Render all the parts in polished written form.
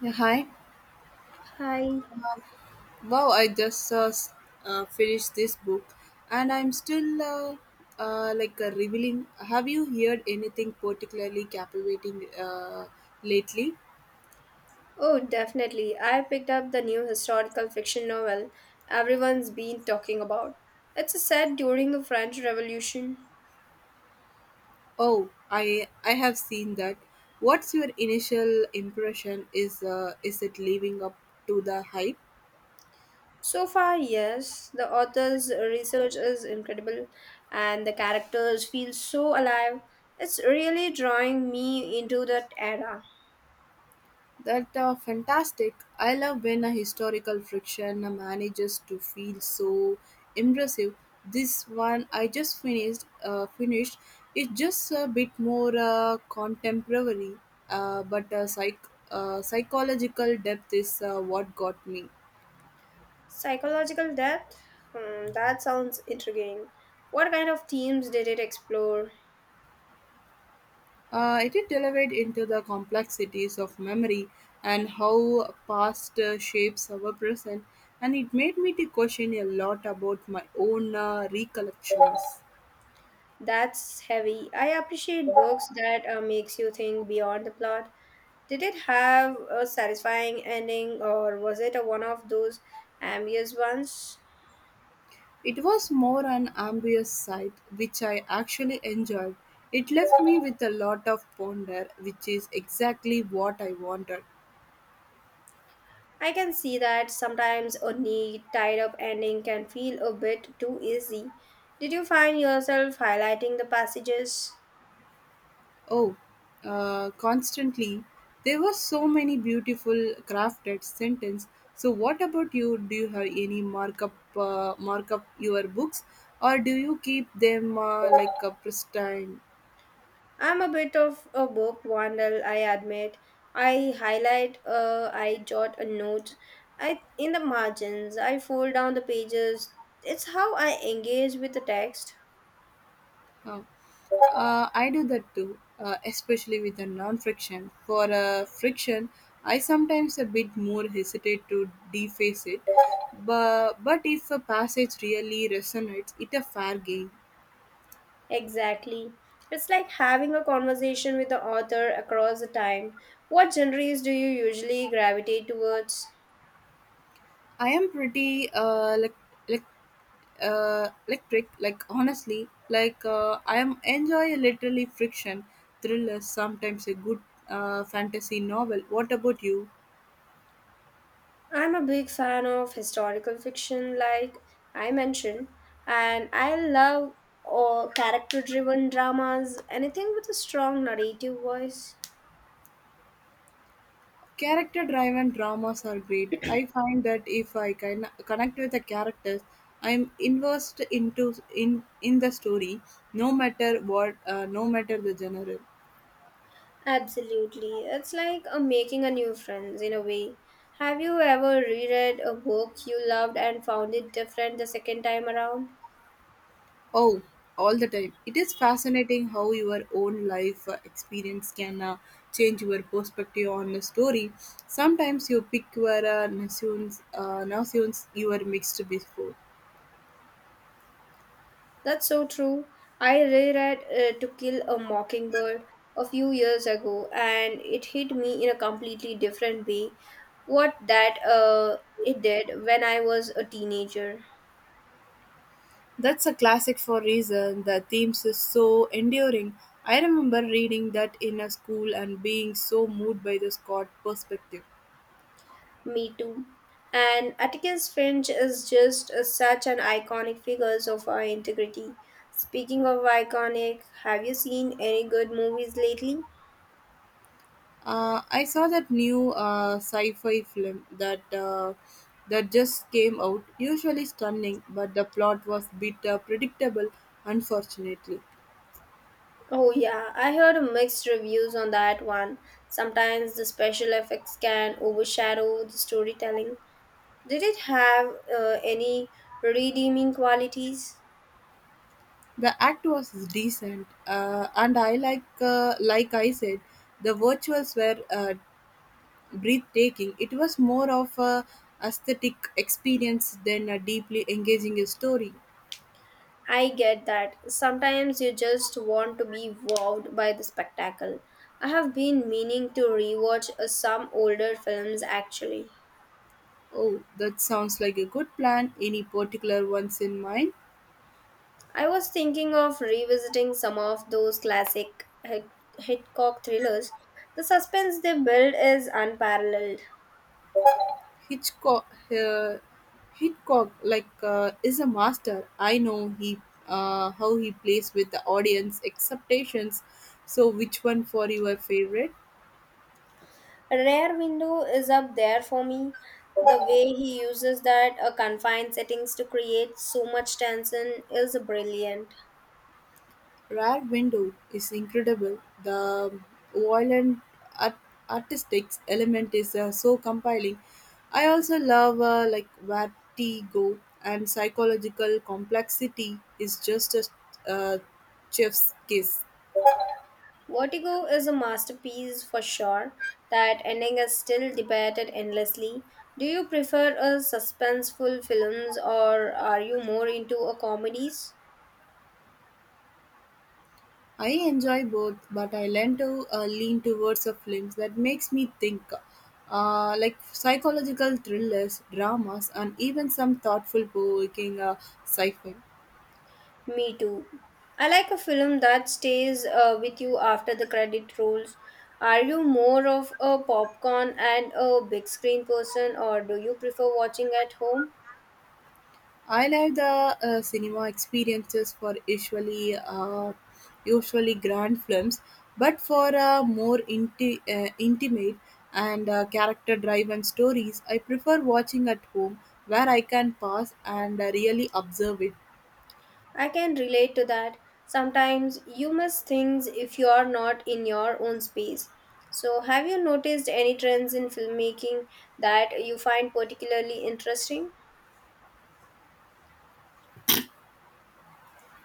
Yeah, hi. Hi. Wow, I just finished this book and I'm still revealing. Have you heard anything particularly captivating lately? Oh, definitely. I picked up the new historical fiction novel everyone's been talking about. It's set during the French Revolution. Oh, I have seen that. What's your initial impression? Is it living up to the hype? So far, yes, the author's research is incredible and the characters feel so alive. It's really drawing me into that era. That fantastic. I love when a historical fiction manages to feel so impressive. This one I just finished. It's just a bit more contemporary, but psychological depth is what got me. Psychological death? Hmm, that sounds intriguing. What kind of themes did it explore? It did elevate into the complexities of memory and how past shapes our present, and it made me to question a lot about my own recollections. That's heavy. I appreciate books that makes you think beyond the plot. Did it have a satisfying ending or was it a one of those ambiguous ones? It was more an ambitious site, which I actually enjoyed. It left me with a lot of ponder, which is exactly what I wanted. I can see that sometimes a neat, tied up ending can feel a bit too easy. Did you find yourself highlighting the passages? Oh, Constantly, there were so many beautiful crafted sentences. So, what about you? Do you have any markup your books, or do you keep them like a pristine? I'm a bit of a book vandal, I admit. I highlight, I jot a note. I in the margins, I fold down the pages. It's how I engage with the text. Oh, I do that too, especially with a non-friction. For a friction, I sometimes a bit more hesitate to deface it, but if a passage really resonates, it a fair game. Exactly. It's like having a conversation with the author across the time. What genres do you usually gravitate towards? I am pretty like electric. Like honestly, I am enjoy literally friction thrillers. Sometimes a good fantasy novel. What about you? I'm a big fan of historical fiction, like I mentioned, and I love all character driven dramas, anything with a strong narrative voice. Character driven dramas are great. I find that if I can connect with the characters, I'm immersed into in the story, no matter what, no matter the genre. Absolutely. It's like a making a new friends in a way. Have you ever reread a book you loved and found it different the second time around? Oh, all the time. It is fascinating how your own life experience can change your perspective on the story. Sometimes you pick your notions you were mixed before. That's so true. I reread To Kill a Mockingbird a few years ago and it hit me in a completely different way. What that it did when I was a teenager. That's a classic for reason. The themes is so enduring. I remember reading that in a school and being so moved by the Scott perspective. Me too. And Atticus Finch is just such an iconic figure of our integrity. Speaking of iconic, have you seen any good movies lately? I saw that new sci-fi film that just came out. Usually stunning, but the plot was a bit predictable. Unfortunately, Oh, yeah, I heard mixed reviews on that one. Sometimes the special effects can overshadow the storytelling. Did it have any redeeming qualities? the act was decent, and I like I said, the virtuals were breathtaking, it was more of a aesthetic experience than a deeply engaging story. I get that. Sometimes you just want to be wowed by the spectacle. I have been meaning to rewatch some older films actually. Oh, that sounds like a good plan. Any particular ones in mind? I was thinking of revisiting some of those classic Hitchcock thrillers. The suspense they build is unparalleled. Hitchcock, uh, Hitchcock, is a master. I know he How he plays with the audience expectations. So, which one for your favorite? Rare Window is up there for me. The way he uses that confined settings to create so much tension is brilliant. Rear Window is incredible, the violent art- artistic element is so compelling. I also love Vertigo and psychological complexity is just a uh, chef's kiss. Vertigo is a masterpiece for sure. That ending is still debated endlessly. Do you prefer a suspenseful films or are you more into a comedies? I enjoy both, but I lean towards a films that makes me think, like psychological thrillers, dramas, and even some thoughtful, provoking sci-fi. Me too. I like a film that stays with you after the credit rolls. Are you more of a popcorn and a big screen person, or do you prefer watching at home? I like the cinema experiences for usually grand films, but for more intimate and character-driven stories, I prefer watching at home where I can pause and really observe it. I can relate to that. Sometimes you miss things if you are not in your own space. So, have you noticed any trends in filmmaking that you find particularly interesting?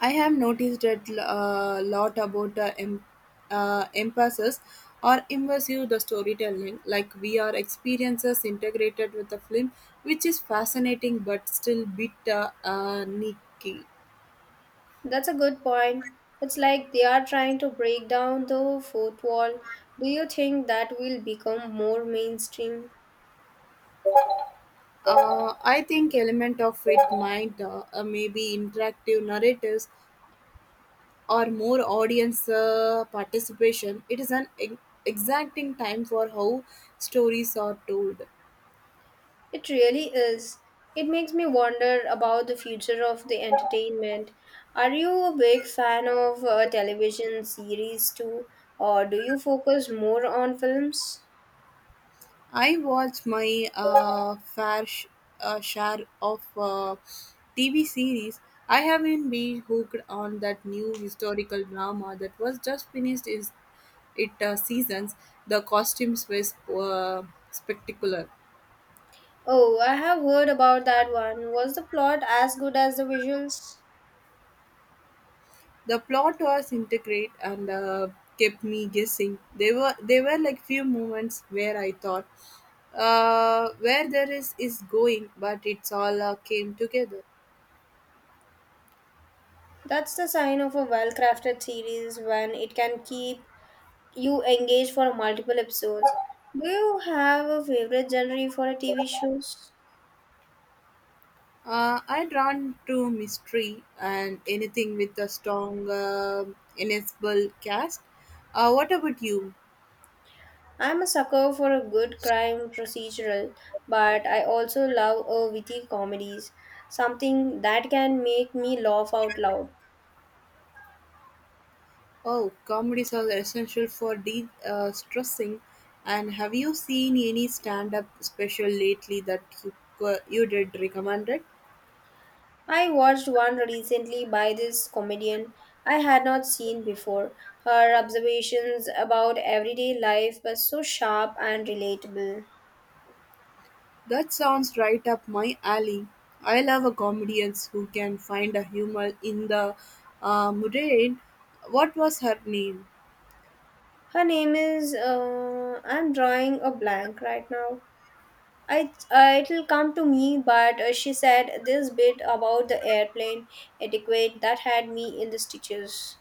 I have noticed that a lot about emphasis or immersive the storytelling, like VR experiences integrated with the film, which is fascinating but still bit nicky. That's a good point. It's like they are trying to break down the fourth wall. Do you think that will become more mainstream? I think element of it might maybe interactive narratives or more audience participation. It is an exacting time for how stories are told. It really is. It makes me wonder about the future of the entertainment. Are you a big fan of television series too, or do you focus more on films? I watch my share of TV series. I haven't been hooked on that new historical drama that was just finished is it seasons. The costumes were spectacular. Oh, I have heard about that one. Was the plot as good as the visuals? The plot was intricate and kept me guessing. There were like few moments where I thought where there is going, but it's all came together. That's the sign of a well crafted series when it can keep you engage for multiple episodes. Do you have a favorite genre for a TV shows? I drawn to mystery and anything with a strong ensemble cast. What about you? I'm a sucker for a good crime procedural, but I also love a witty comedies, something that can make me laugh out loud. Oh, comedies are essential for de-stressing. And have you seen any stand-up special lately that you you did recommended? I watched one recently by this comedian I had not seen before. Her observations about everyday life were so sharp and relatable. That sounds right up my alley. I love a comedians who can find a humor in the mundane. What was her name? Her name is I'm drawing a blank right now. It'll come to me, but she said this bit about the airplane etiquette that had me in the stitches.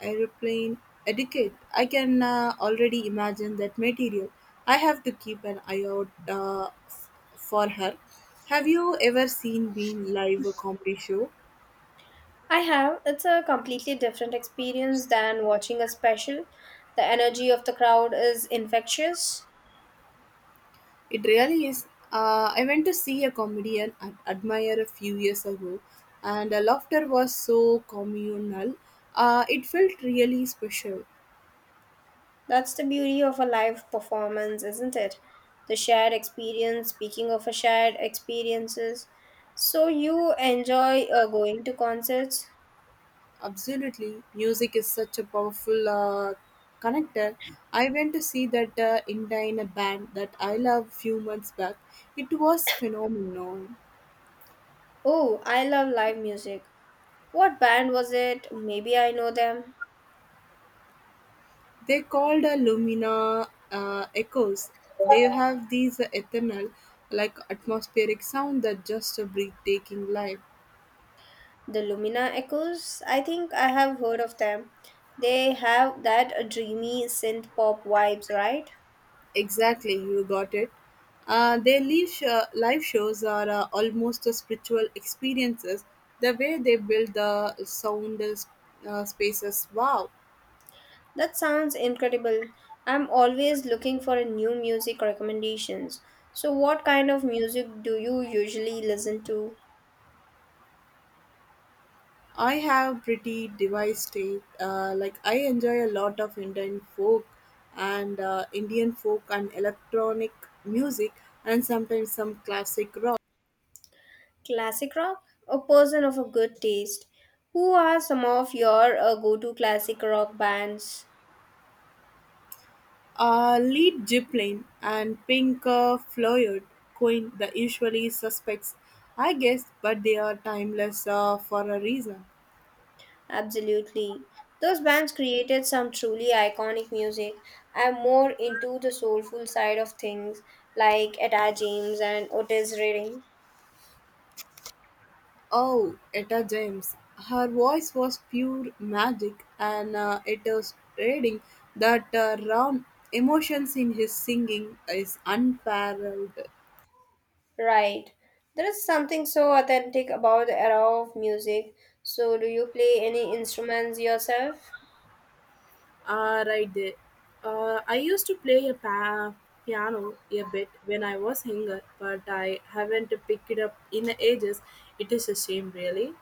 Aeroplane etiquette. I can already imagine that material. I have to keep an eye out for her. Have you ever seen Bean live a comedy show? I have. It's a completely different experience than watching a special. The energy of the crowd is infectious. It really is. I went to see a comedian at Admire a few years ago, and the laughter was so communal. It felt really special. That's the beauty of a live performance, isn't it? The shared experience, speaking of a shared experiences. So you enjoy going to concerts? Absolutely, music is such a powerful connector. I went to see that Indian band that I love few months back. It was phenomenal. Oh, I love live music. What band was it? Maybe I know them. They called Lumina Echoes. They have these eternal, like atmospheric sound that just a breathtaking life. The Lumina Echoes, I think I have heard of them. They have that dreamy synth pop vibes, right? Exactly, you got it. Their live shows are almost a spiritual experiences. The way they build the sound spaces, wow. That sounds incredible. I'm always looking for a new music recommendations. So what kind of music do you usually listen to? I have pretty device tape. Like I enjoy a lot of Indian folk and electronic music and sometimes some classic rock. Classic rock? A person of a good taste. Who are some of your go-to classic rock bands? Lead Zeppelin and Pink Floyd coined the usually suspects, I guess, but they are timeless for a reason. Absolutely. Those bands created some truly iconic music. I'm more into the soulful side of things, like Etta James and Otis Redding. Oh, Etta James. Her voice was pure magic, and it was reading that raw emotions in his singing is unparalleled. Right. There is something so authentic about the era of music. So, do you play any instruments yourself? Right there. I used to play a piano a bit when I was younger, but I haven't picked it up in ages. It is a shame, really.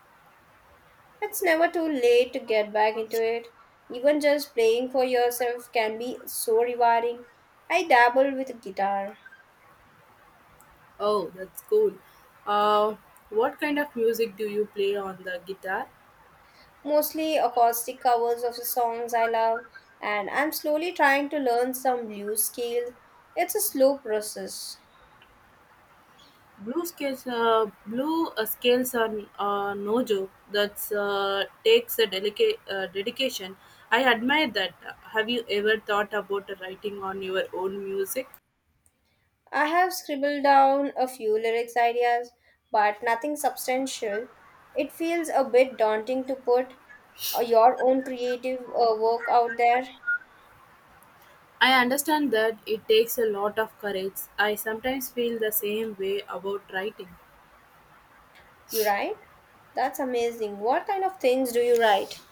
It's never too late to get back into it. Even just playing for yourself can be so rewarding. I dabble with guitar. Oh, that's cool. Uh, what kind of music do you play on the guitar? Mostly acoustic covers of the songs I love, and I'm slowly trying to learn some blues scales. It's a slow process. Blue scales are no joke. That's takes a delicate dedication. I admire that. Have you ever thought about writing on your own music? I have scribbled down a few lyrics ideas, but nothing substantial. It feels a bit daunting to put your own creative work out there. I understand that it takes a lot of courage. I sometimes feel the same way about writing. You write? That's amazing. What kind of things do you write?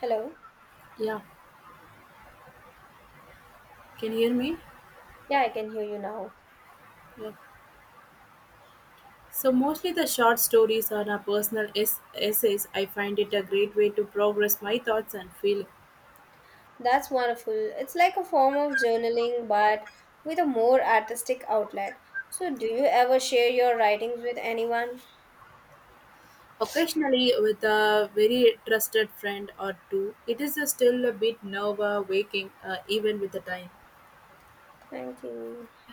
Hello? Yeah, can you hear me? Yeah, I can hear you now. Yeah. So mostly the short stories are a personal essays. I find it a great way to progress my thoughts and feel. That's wonderful. It's like a form of journaling, but with a more artistic outlet. So, do you ever share your writings with anyone? Occasionally, with a very trusted friend or two, it is a still a bit nerve-wracking, even with the time. Thank you.